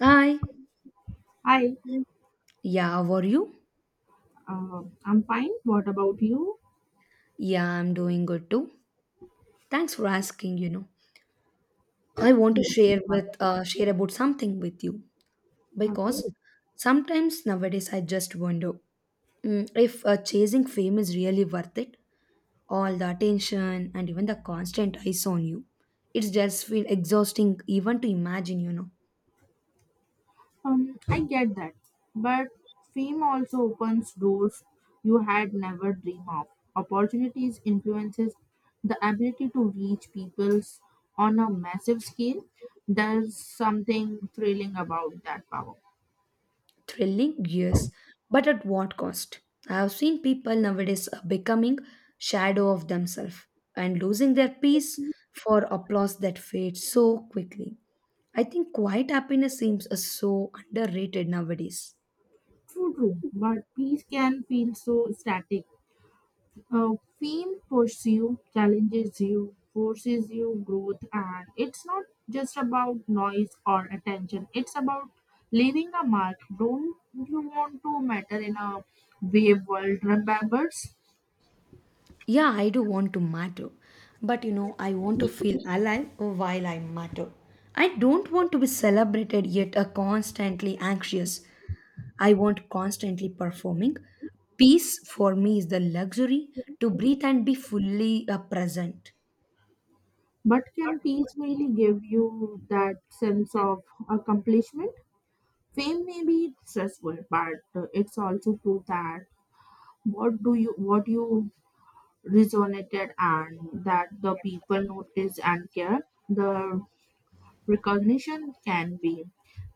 Hi. Hi, Yeah, how are you? I'm fine. What about you? Yeah, I'm doing good too. Thanks for asking, I want to share with share about something with you Okay, because sometimes nowadays I just wonder if chasing fame is really worth it. All the attention and even the constant eyes on you. It's just feel exhausting even to imagine, I get that, but fame also opens doors you had never dreamed of. Opportunities influences the ability to reach peoples on a massive scale. There's something thrilling about that power. Thrilling, yes, but at what cost? I have seen people nowadays becoming shadow of themselves and losing their peace for applause that fades so quickly. I think quiet happiness seems so underrated nowadays. True, true, but peace can feel so static. Fame pushes you, challenges you, forces you growth, and it's not just about noise or attention. It's about leaving a mark. Don't you want to matter in a wave world? Remembers, Yeah, I do want to matter, but, I want to feel alive while I matter. I don't want to be celebrated yet constantly anxious. I want constantly performing. Peace for me is the luxury to breathe and be fully present. but can peace really give you that sense of accomplishment? Fame may be stressful, but it's also proof that what you resonated and that the people notice and care the recognition can be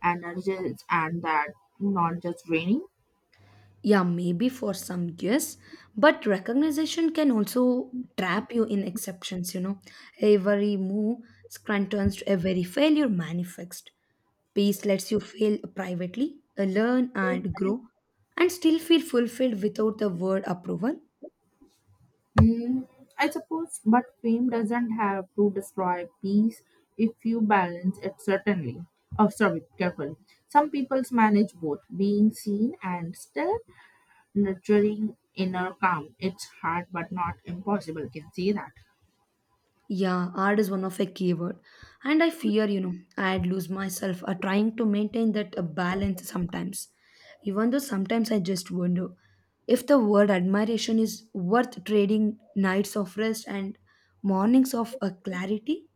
energized and that not just draining. Yeah, maybe for some years, but recognition can also trap you in exceptions, Every move turns to every failure manifest. Peace lets you fail privately, learn and grow, and still feel fulfilled without the word approval. Mm, I suppose, but fame doesn't have to destroy peace if you balance it certainly. Oh, sorry, carefully. Some people manage both being seen and still nurturing inner calm. It's hard but not impossible. Can see that. Yeah, art is one of a keyword. And I fear, I'd lose myself trying to maintain that balance sometimes. Even though sometimes I just wonder if the word admiration is worth trading nights of rest and mornings of clarity.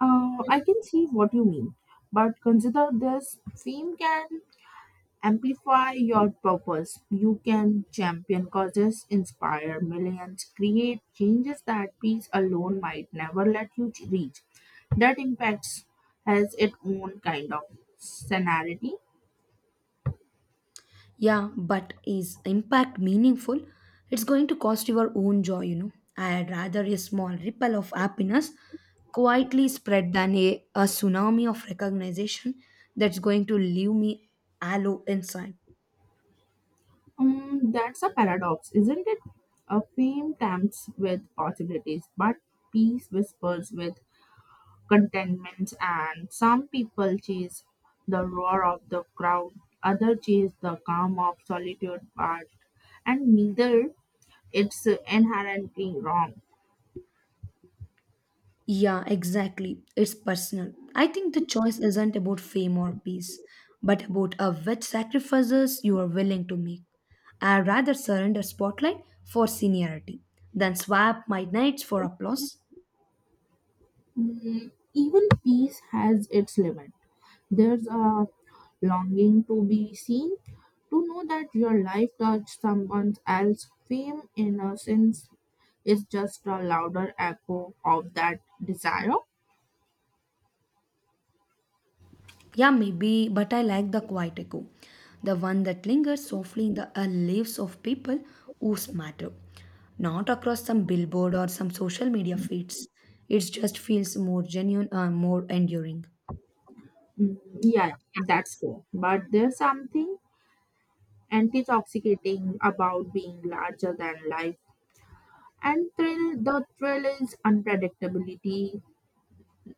I can see what you mean, but consider this fame can amplify your purpose. You can champion causes, inspire millions, create changes that peace alone might never let you reach. That impacts has its own kind of sanity. Yeah, but is impact meaningful? It's going to cost your own joy, I'd rather a small ripple of happiness quietly spread than a tsunami of recognition that's going to leave me hollow inside. Mm, that's a paradox, isn't it? A fame tempts with possibilities, but peace whispers with contentment and some people chase the roar of the crowd, others chase the calm of solitude but and neither it's inherently wrong. Yeah, exactly. It's personal. I think the choice isn't about fame or peace, but about which sacrifices you are willing to make. I'd rather surrender spotlight for seniority than swap my nights for applause. Mm, even peace has its limit, there's a longing to be seen, to know that your life touched someone else's fame innocence is just a louder echo of that desire. Yeah, maybe, but I like the quiet echo, the one that lingers softly in the lives of people whose matter, not across some billboard or some social media feeds. It just feels more genuine, more enduring. Mm, yeah that's true but there's something intoxicating about being larger than life. And thrill, the thrill is unpredictability.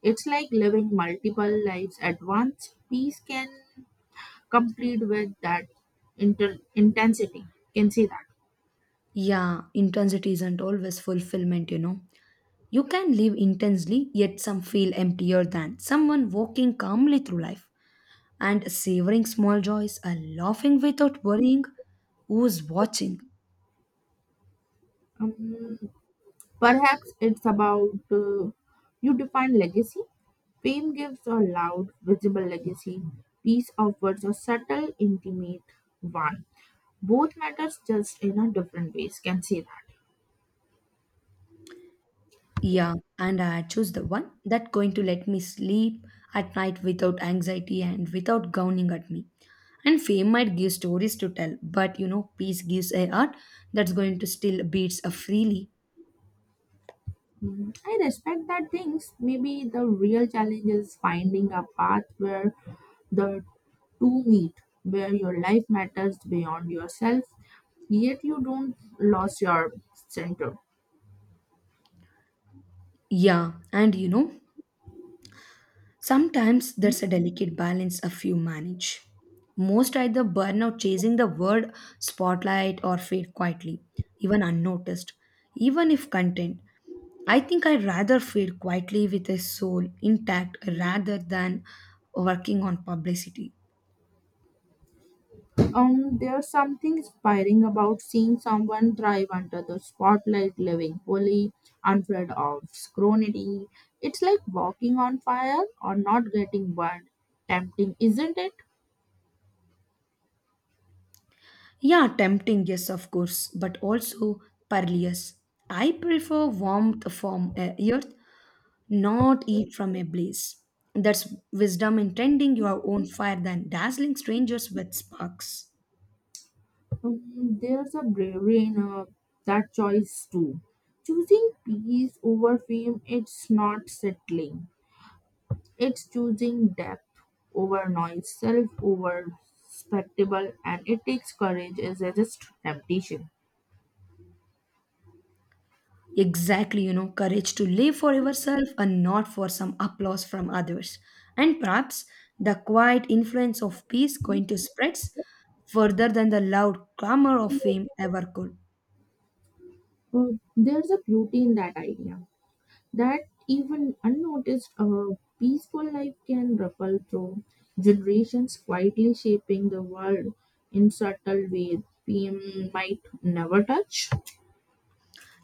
It's like living multiple lives at once. Peace can complete with that intensity. Can see that. Yeah, intensity isn't always fulfillment, You can live intensely, yet some feel emptier than someone walking calmly through life and savoring small joys and laughing without worrying who's watching. Um, perhaps it's about you define legacy. Fame gives a loud, visible legacy. Peace offers a subtle, intimate one. Both matters just in a different ways. Can see that. Yeah, and I choose the one that going to let me sleep at night without anxiety and without gowning at me. And fame might give stories to tell, but, peace gives a heart that's going to still beats freely. Mm, I respect that things. Maybe the real challenge is finding a path where the two meet, where your life matters beyond yourself, yet you don't lose your center. Yeah, and, sometimes there's a delicate balance a few manage. Most either burn out chasing the word spotlight or fade quietly, even unnoticed, even if content. I think I'd rather fade quietly with a soul intact rather than working on publicity. There's something inspiring about seeing someone thrive under the spotlight, living fully, unafraid of scrutiny. It's like walking on fire or not getting burned. Tempting, isn't it? Yeah, tempting, yes, of course, but also perilous. I prefer warmth from a earth, not heat from a blaze. That's wisdom in tending your own fire than dazzling strangers with sparks. Mm, there's a bravery in that choice too. Choosing peace over fame, it's not settling. It's choosing depth over noise, self over spectacle, and it takes courage as a just temptation. Exactly, courage to live for yourself and not for some applause from others. And perhaps the quiet influence of peace going to spreads further than the loud clamor of fame ever could. There's a beauty in that idea that even unnoticed, a peaceful life can ripple through generations, quietly shaping the world in subtle ways fame might never touch.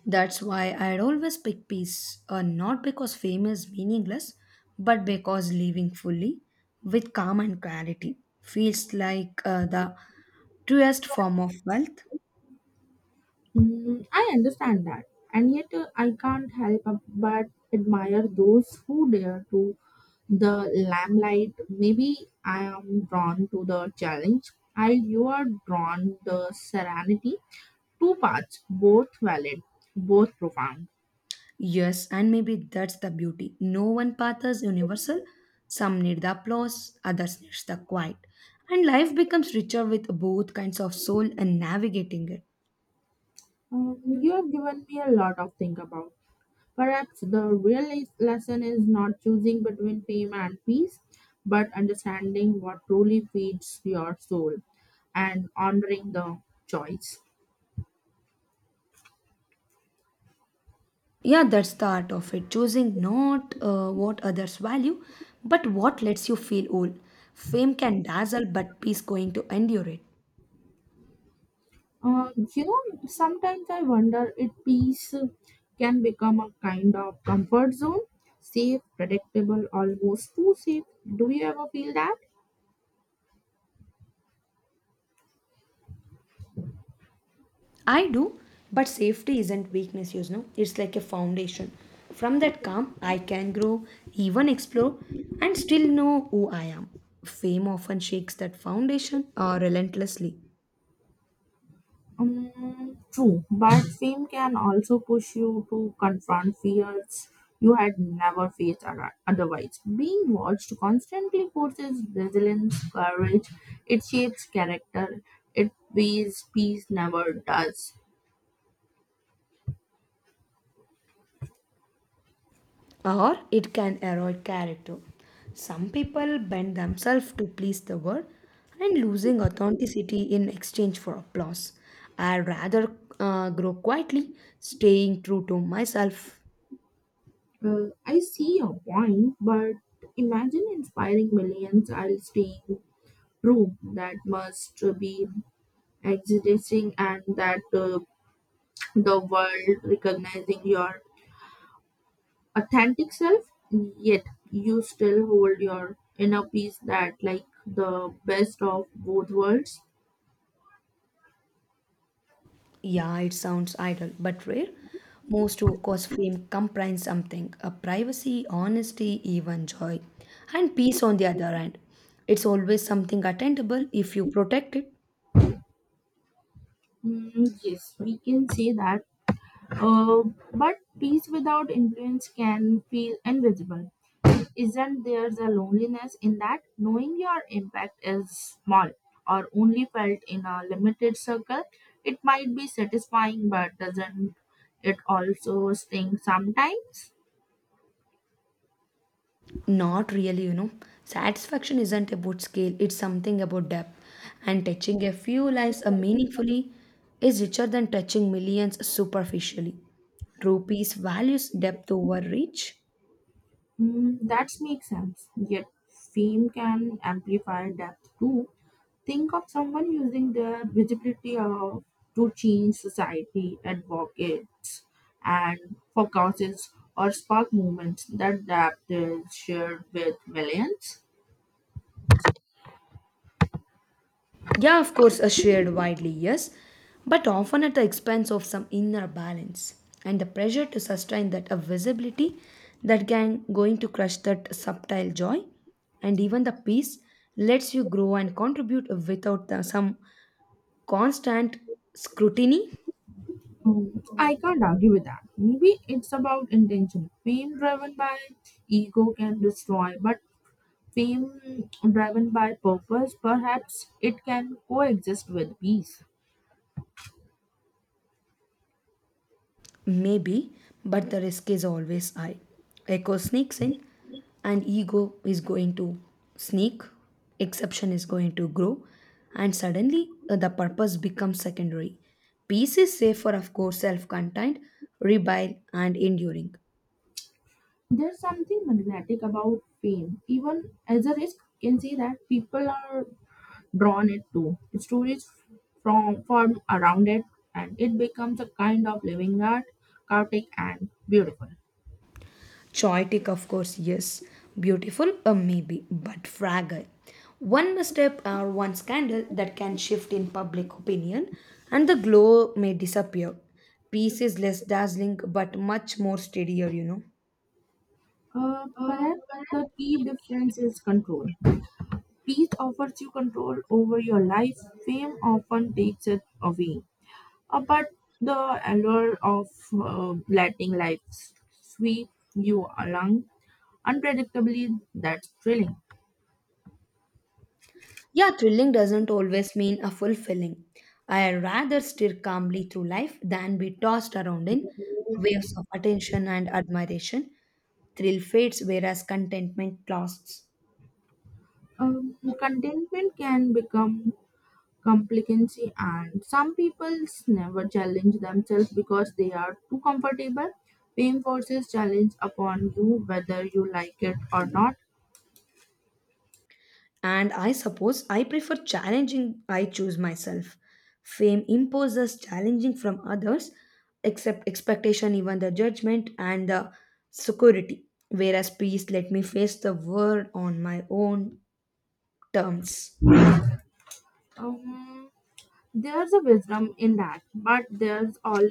That's why I'd always pick peace, not because fame is meaningless, but because living fully with calm and clarity feels like the truest form of wealth. Mm, I understand that, and yet I can't help but admire those who dare to the limelight. Maybe I am drawn to the challenge, while you are drawn the serenity. Two paths, both valid, both profound. Yes, and maybe that's the beauty. No one path is universal. Some need the applause, others need the quiet. And life becomes richer with both kinds of soul and navigating it. You have given me a lot of think about. Perhaps the real lesson is not choosing between fame and peace, but understanding what truly feeds your soul and honoring the choice. Yeah, that's the art of it. Choosing not what others value, but what lets you feel whole. Fame can dazzle, but peace going to endure it. You know, sometimes I wonder if peace can become a kind of comfort zone, safe, predictable, almost too safe. Do you ever feel that? I do, but safety isn't weakness, It's like a foundation. From that calm, I can grow, even explore, and still know who I am. Fame often shakes that foundation or relentlessly, Mm, true, but fame can also push you to confront fears you had never faced otherwise. Being watched constantly forces resilience, courage, it shapes character, it weighs peace never does. or it can erode character. Some people bend themselves to please the world and losing authenticity in exchange for applause. I'd rather grow quietly, staying true to myself. I see your point, but imagine inspiring millions while staying true. That must be existing and that the world recognizing your authentic self yet you still hold your inner peace that like the best of both worlds. Yeah, it sounds idle but rare. Most who cause fame comprise something a privacy, honesty, even joy, and peace on the other hand. It's always something attainable if you protect it. Mm, yes we can say that uh, but peace without influence can feel invisible, isn't there a loneliness in that knowing your impact is small or only felt in a limited circle, it might be satisfying but doesn't it also sting sometimes? Not really, Satisfaction isn't about scale, it's something about depth. And touching a few lives meaningfully is richer than touching millions superficially. True peace values depth over reach. Mm, that makes sense. Yet fame can amplify depth too. Think of someone using their visibility of, to change society, advocates, and for causes or spark movements. That depth is shared with millions. Yeah, of course, are shared widely, yes, but often at the expense of some inner balance and the pressure to sustain that a visibility that can going to crush that subtle joy and even the peace lets you grow and contribute without the, some constant scrutiny. Mm, I can't argue with that. Maybe it's about intention. Fame driven by ego can destroy, but fame driven by purpose, perhaps it can coexist with peace. Maybe, but the risk is always high. Echo sneaks in, and ego is going to sneak, exception is going to grow, and suddenly the purpose becomes secondary. Peace is safer, of course, self contained, rebel, and enduring. There's something magnetic about fame. Even as a risk, can see that people are drawn it to. Stories from form around it, and it becomes a kind of living art, chaotic and beautiful. Choitic, of course, yes. Beautiful, a maybe, but fragile. One misstep or one scandal that can shift in public opinion, and the glow may disappear. Peace is less dazzling, but much more steadier, Perhaps the key difference is control. Peace offers you control over your life. Fame often takes it away. But the allure of letting life sweep you along unpredictably, that's thrilling. Yeah, thrilling doesn't always mean a fulfilling. I rather steer calmly through life than be tossed around in waves of attention and admiration. Thrill fades, whereas contentment lasts. Contentment can become complacency, and some people never challenge themselves because they are too comfortable. Pain forces challenge upon you whether you like it or not. And I suppose I prefer challenging, I choose myself. Fame imposes challenging from others, except expectation, even the judgment and the security. Whereas peace let me face the world on my own terms. Um, There's a wisdom in that, but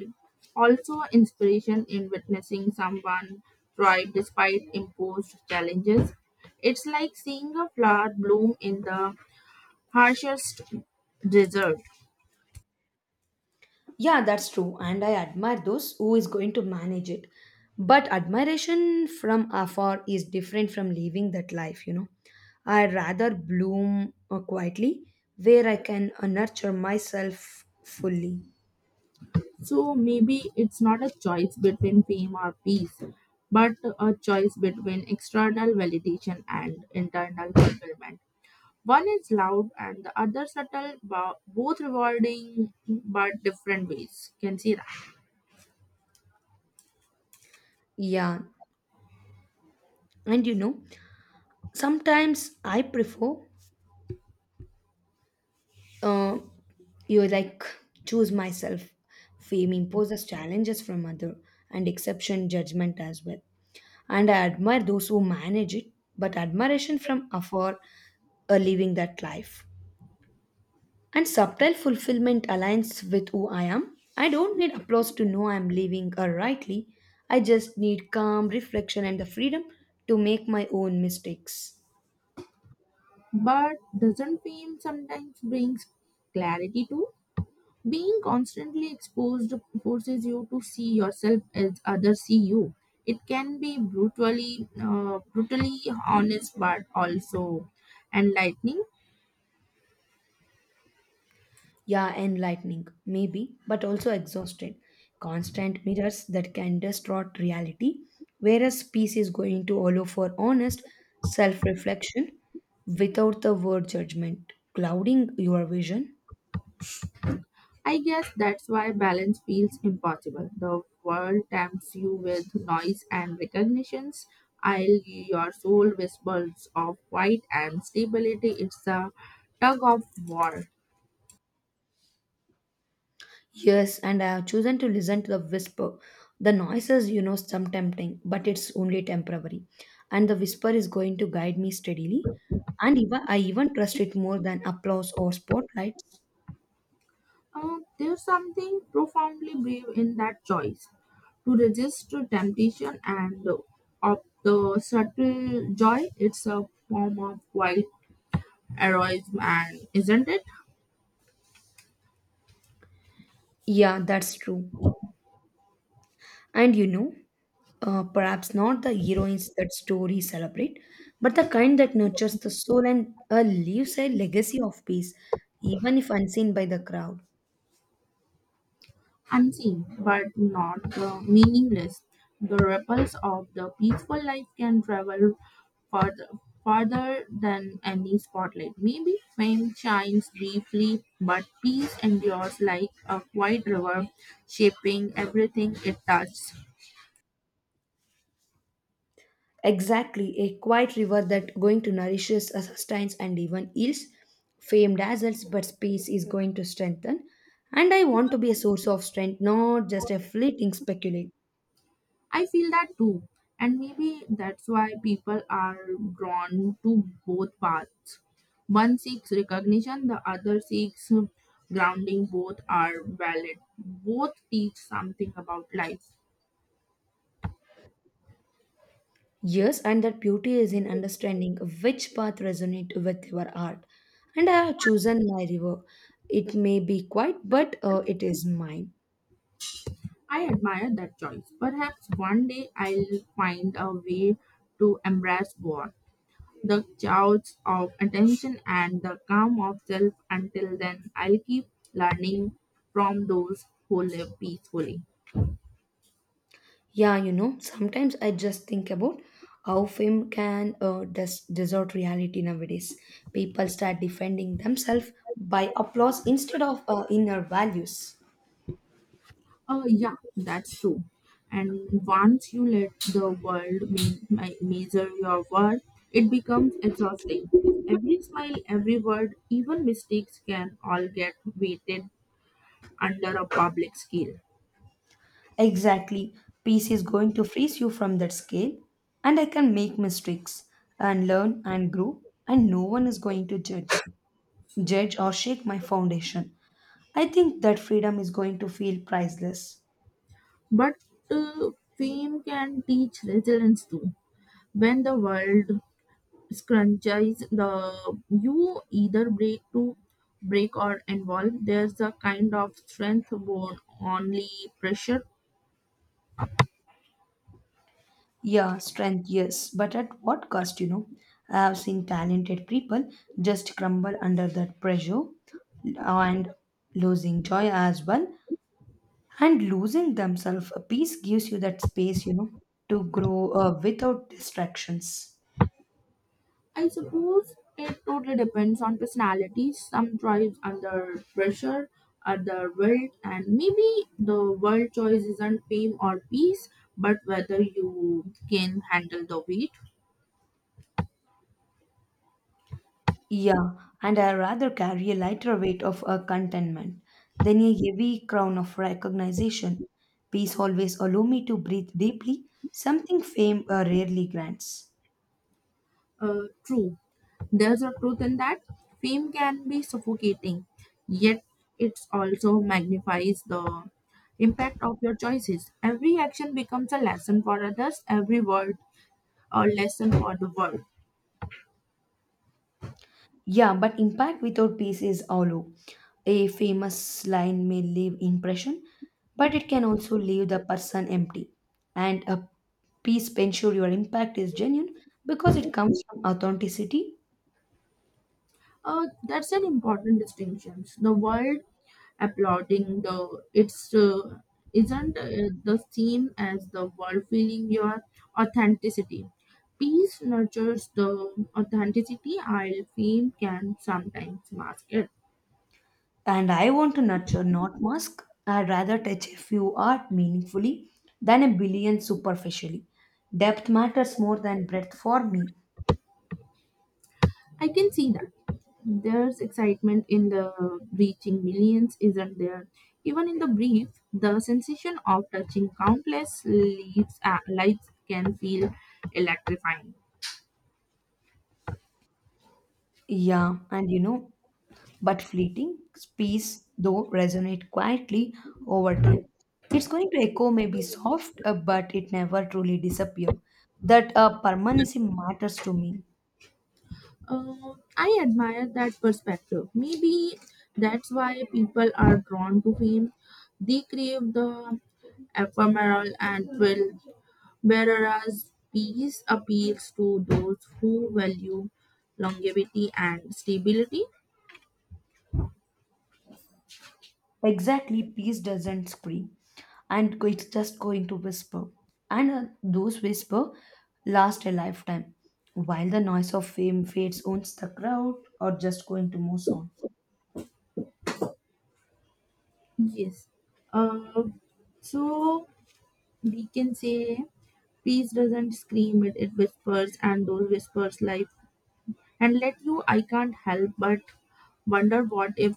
also inspiration in witnessing someone thrive despite imposed challenges. It's like seeing a flower bloom in the harshest desert. Yeah, that's true. And I admire those who is going to manage it. But admiration from afar is different from living that life, I rather bloom quietly where I can nurture myself fully. So maybe it's not a choice between fame or peace, but a choice between external validation and internal fulfillment. One is loud and the other subtle, both rewarding but different ways. Can see that. Yeah. And, sometimes I prefer uh, you like choose myself. Fame imposes challenges from other and exception judgment as well. And I admire those who manage it, but admiration from afar are living that life. And subtle fulfillment aligns with who I am. I don't need applause to know I am living rightly. I just need calm reflection and the freedom to make my own mistakes. But doesn't fame sometimes brings clarity too? Being constantly exposed forces you to see yourself as others see you. It can be brutally honest, but also enlightening. Yeah, enlightening, maybe, but also exhausted. Constant mirrors that can distort reality, whereas peace is going to allow for honest self reflection without the word judgment clouding your vision. I guess that's why balance feels impossible. The world tempts you with noise and recognitions, while your soul whispers of quiet and stability. It's a tug of war. Yes, and I have chosen to listen to the whisper. The noises, some tempting, but it's only temporary. And the whisper is going to guide me steadily. And even, I even trust it more than applause or spotlights. There's something profoundly brave in that choice to resist to temptation and of the subtle joy. It's a form of wild heroism, and isn't it? Yeah, that's true. And, perhaps not the heroines that stories celebrate, but the kind that nurtures the soul and leaves a legacy of peace, even if unseen by the crowd. Unseen, but not meaningless. The ripples of the peaceful life can travel farther, farther than any spotlight. Maybe fame shines briefly, but peace endures like a quiet river, shaping everything it touches. Exactly, a quiet river that going to nourishes, sustains, and even heals. Fame dazzles, but space is going to strengthen. And I want to be a source of strength, not just a fleeting speculate. I feel that too. And maybe that's why people are drawn to both paths. One seeks recognition, the other seeks grounding. Both are valid. Both teach something about life. Yes, and that beauty is in understanding which path resonates with your art. And I have chosen my river. It may be quiet, but it is mine. I admire that choice. Perhaps one day I'll find a way to embrace both the chaos of attention and the calm of self. Until then, I'll keep learning from those who live peacefully. Yeah, sometimes I just think about how fame can distort reality nowadays. People start defending themselves by applause instead of inner values. Yeah, that's true. And once you let the world measure your worth, it becomes exhausting. Every smile, every word, even mistakes can all get weighted under a public scale. Exactly. Peace is going to freeze you from that scale, and I can make mistakes and learn and grow, and no one is going to judge or shake my foundation. I think that freedom is going to feel priceless. But uh, fame can teach resilience too. When the world scrunches the you either break to break or involve, there's a kind of strength born only pressure. Yeah, strength, yes, but at what cost, I have seen talented people just crumble under that pressure and losing joy as well. And losing themselves, peace gives you that space, to grow without distractions. I suppose it totally depends on personality. Some thrive under pressure, other will, and maybe the world choice isn't fame or peace, but whether you can handle the weight. Yeah, and I rather carry a lighter weight of a contentment than a heavy crown of recognition. Peace always allow me to breathe deeply, something fame rarely grants. True, there's a truth in that. Fame can be suffocating, yet it also magnifies the impact of your choices. Every action becomes a lesson for others, every word a lesson for the world. Yeah, but impact without peace is hollow. A famous line may leave impression, but it can also leave the person empty. And a peace ensure your impact is genuine because it comes from authenticity. That's an important distinction. The world applauding the it's isn't the same as the world feeling your authenticity. Peace nurtures the authenticity, while fame can sometimes mask it. And I want to nurture, not mask. I'd rather touch a few art meaningfully than a billion superficially. Depth matters more than breadth for me. I can see that. There's excitement in the reaching millions, isn't there? Even in the brief, the sensation of touching countless leaves, lives can feel electrifying. Yeah, and, but fleeting peace though resonate quietly over time. It's going to echo maybe soft, but it never truly disappear. That permanency matters to me. I admire that perspective. Maybe that's why people are drawn to him. They crave the ephemeral and will, whereas peace appeals to those who value longevity and stability. Exactly, peace doesn't scream, and it's just going to whisper. And those whisper last a lifetime, while the noise of fame fades, owns the crowd, or just going to move on. Yes. Uh, so we can say peace doesn't scream it, it whispers and those whispers life. And let you, I can't help but wonder what if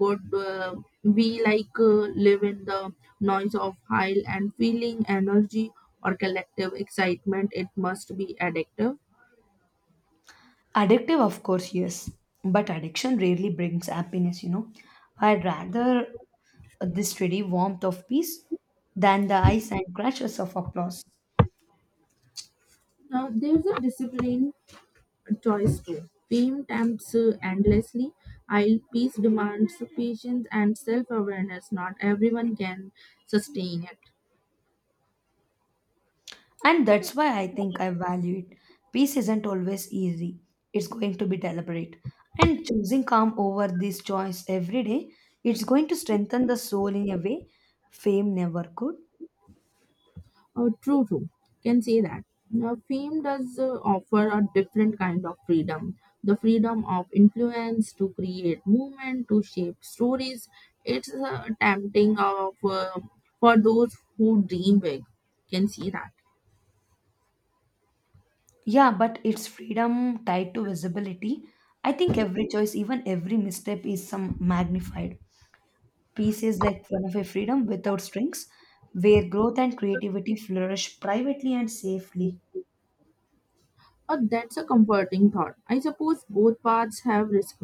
would we like live in the noise of high and feeling energy or collective excitement it must be addictive. Addictive, of course, yes, but addiction rarely brings happiness. I'd rather the steady warmth of peace than the ice and crashes of applause. Now there's a discipline choice too, fame tempts endlessly will peace demands patience and self-awareness, not everyone can sustain it. And that's why I think I value it. Peace isn't always easy, it's going to be deliberate. And choosing calm over this choice every day, it's going to strengthen the soul in a way fame never could. True, true. Can say that. Now, fame does offer a different kind of freedom. The freedom of influence to create movement, to shape stories. It's tempting of, for those who dream big. Can see that. Yeah, but it's freedom tied to visibility. I think every choice, even every misstep, is some magnified. Peace is like one of a freedom without strings, where growth and creativity flourish privately and safely. That's a comforting thought. I suppose both paths have risk.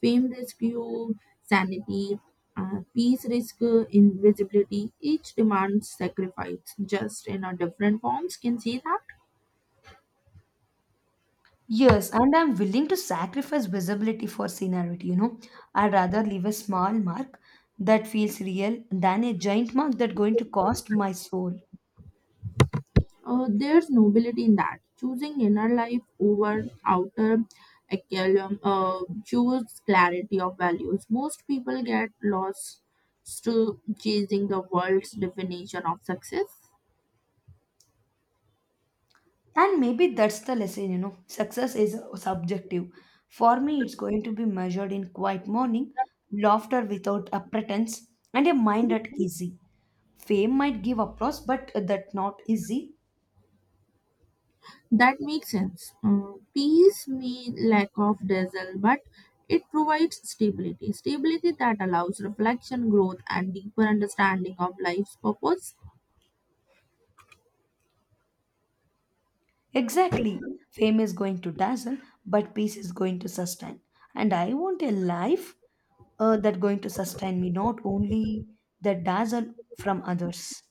Fame risk you sanity, peace risk invisibility. Each demands sacrifice, just in a different forms. Can see that. Yes, and I'm willing to sacrifice visibility for seniority, I'd rather leave a small mark that feels real than a giant mark that's going to cost my soul. There's nobility in that. Choosing inner life over outer aculum choose clarity of values. Most people get lost to chasing the world's definition of success. And maybe that's the lesson, Success is subjective. For me, it's going to be measured in quiet morning, laughter without a pretense, and a mind at easy. Fame might give applause, but that not easy. That makes sense. Peace means lack of dazzle, but it provides stability. Stability that allows reflection, growth, and deeper understanding of life's purpose. Exactly. Fame is going to dazzle, but peace is going to sustain. And I want a life that going to sustain me, not only the dazzle from others.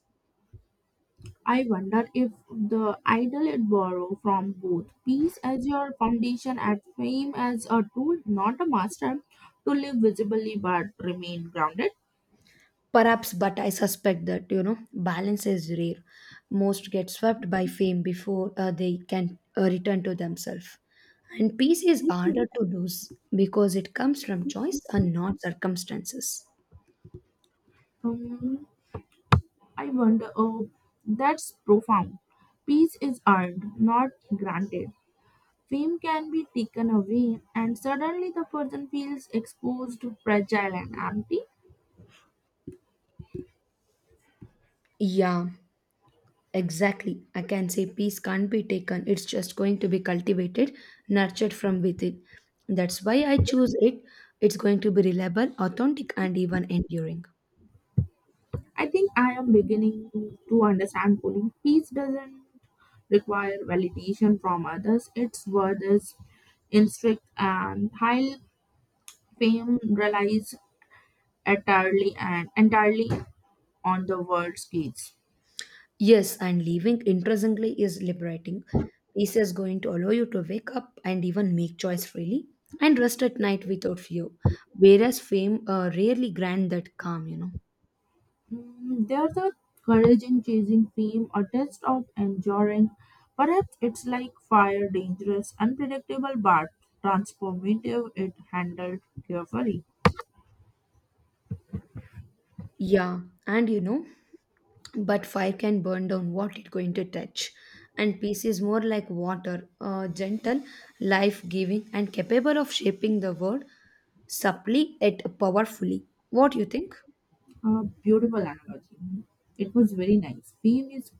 I wonder if the idol it borrow from both peace as your foundation and fame as a tool, not a master, to live visibly but remain grounded. Perhaps, but I suspect that balance is rare. Most get swept by fame before they can return to themselves. And peace is harder to lose because it comes from choice and not circumstances. Um, I wonder, oh, that's profound. Peace is earned, not granted. Fame can be taken away, and suddenly the person feels exposed, fragile, and empty. Yeah. Exactly. I can say peace can't be taken. It's just going to be cultivated, nurtured from within. That's why I choose it. It's going to be reliable, authentic, and even enduring. I think I am beginning to understand Pulling Peace doesn't require validation from others, its worth is instinct and high fame relies entirely and entirely on the world's gaze. Yes, and living interestingly is liberating. Peace is going to allow you to wake up and even make choice freely and rest at night without fear. Whereas fame rarely grant that calm, Mm, there's a courage in chasing fame, a test of enduring. Perhaps it's like fire, dangerous, unpredictable, but transformative if handled carefully. Yeah, and, but fire can burn down what it's going to touch and peace is more like water gentle life giving and capable of shaping the world subtly yet powerfully what do you think. A beautiful analogy. It was very nice. Pain is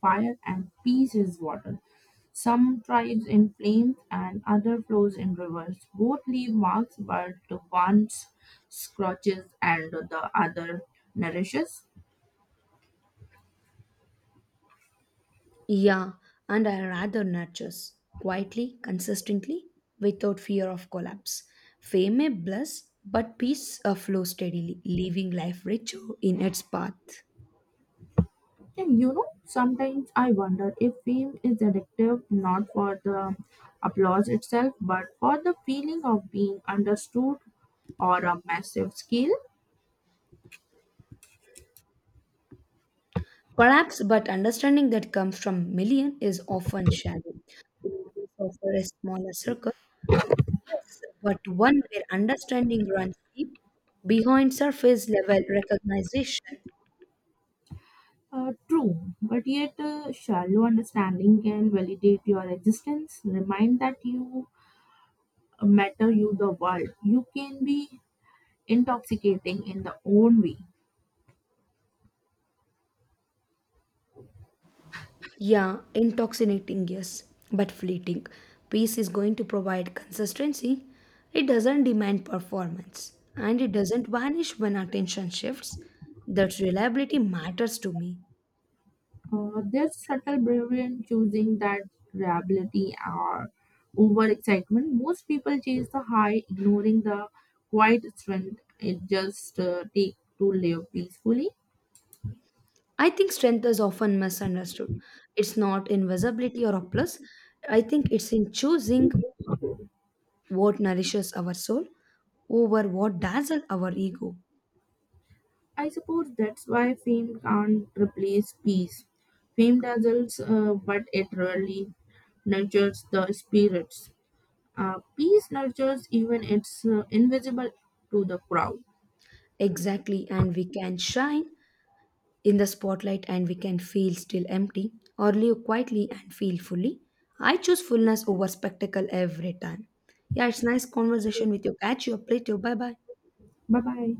fire and peace is water. Some tribes in flames and other flows in rivers. Both leave marks, but the one scorches and the other nourishes. Yeah, and I rather nurtures quietly consistently without fear of collapse fame may bless but peace flows steadily leaving life rich in its path. And you know, sometimes I wonder if fame is addictive not for the applause itself, but for the feeling of being understood or a massive scale. Perhaps, but understanding that comes from million is often shallow. It is offer a smaller circle, yes, but one where understanding runs deep behind surface level recognition. True, but yet shallow understanding can validate your existence, remind that you matter, you the world. You can be intoxicating in the own way. Yeah, intoxicating, yes, but fleeting. Peace is going to provide consistency. It doesn't demand performance, and it doesn't vanish when attention shifts. That reliability matters to me. There's subtle bravery in choosing that reliability or overexcitement. Most people chase the high, ignoring the quiet strength it just take to live peacefully. I think strength is often misunderstood. It's not invisibility or a plus. I think it's in choosing what nourishes our soul over what dazzles our ego. I suppose that's why fame can't replace peace. Fame dazzles, but it rarely nurtures the spirits. Peace nurtures even it's invisible to the crowd. Exactly, and we can shine in the spotlight and we can feel still empty or live quietly and feel fully. I choose fullness over spectacle every time. Yeah, it's nice conversation with you. Catch you up later. Bye bye. Bye bye.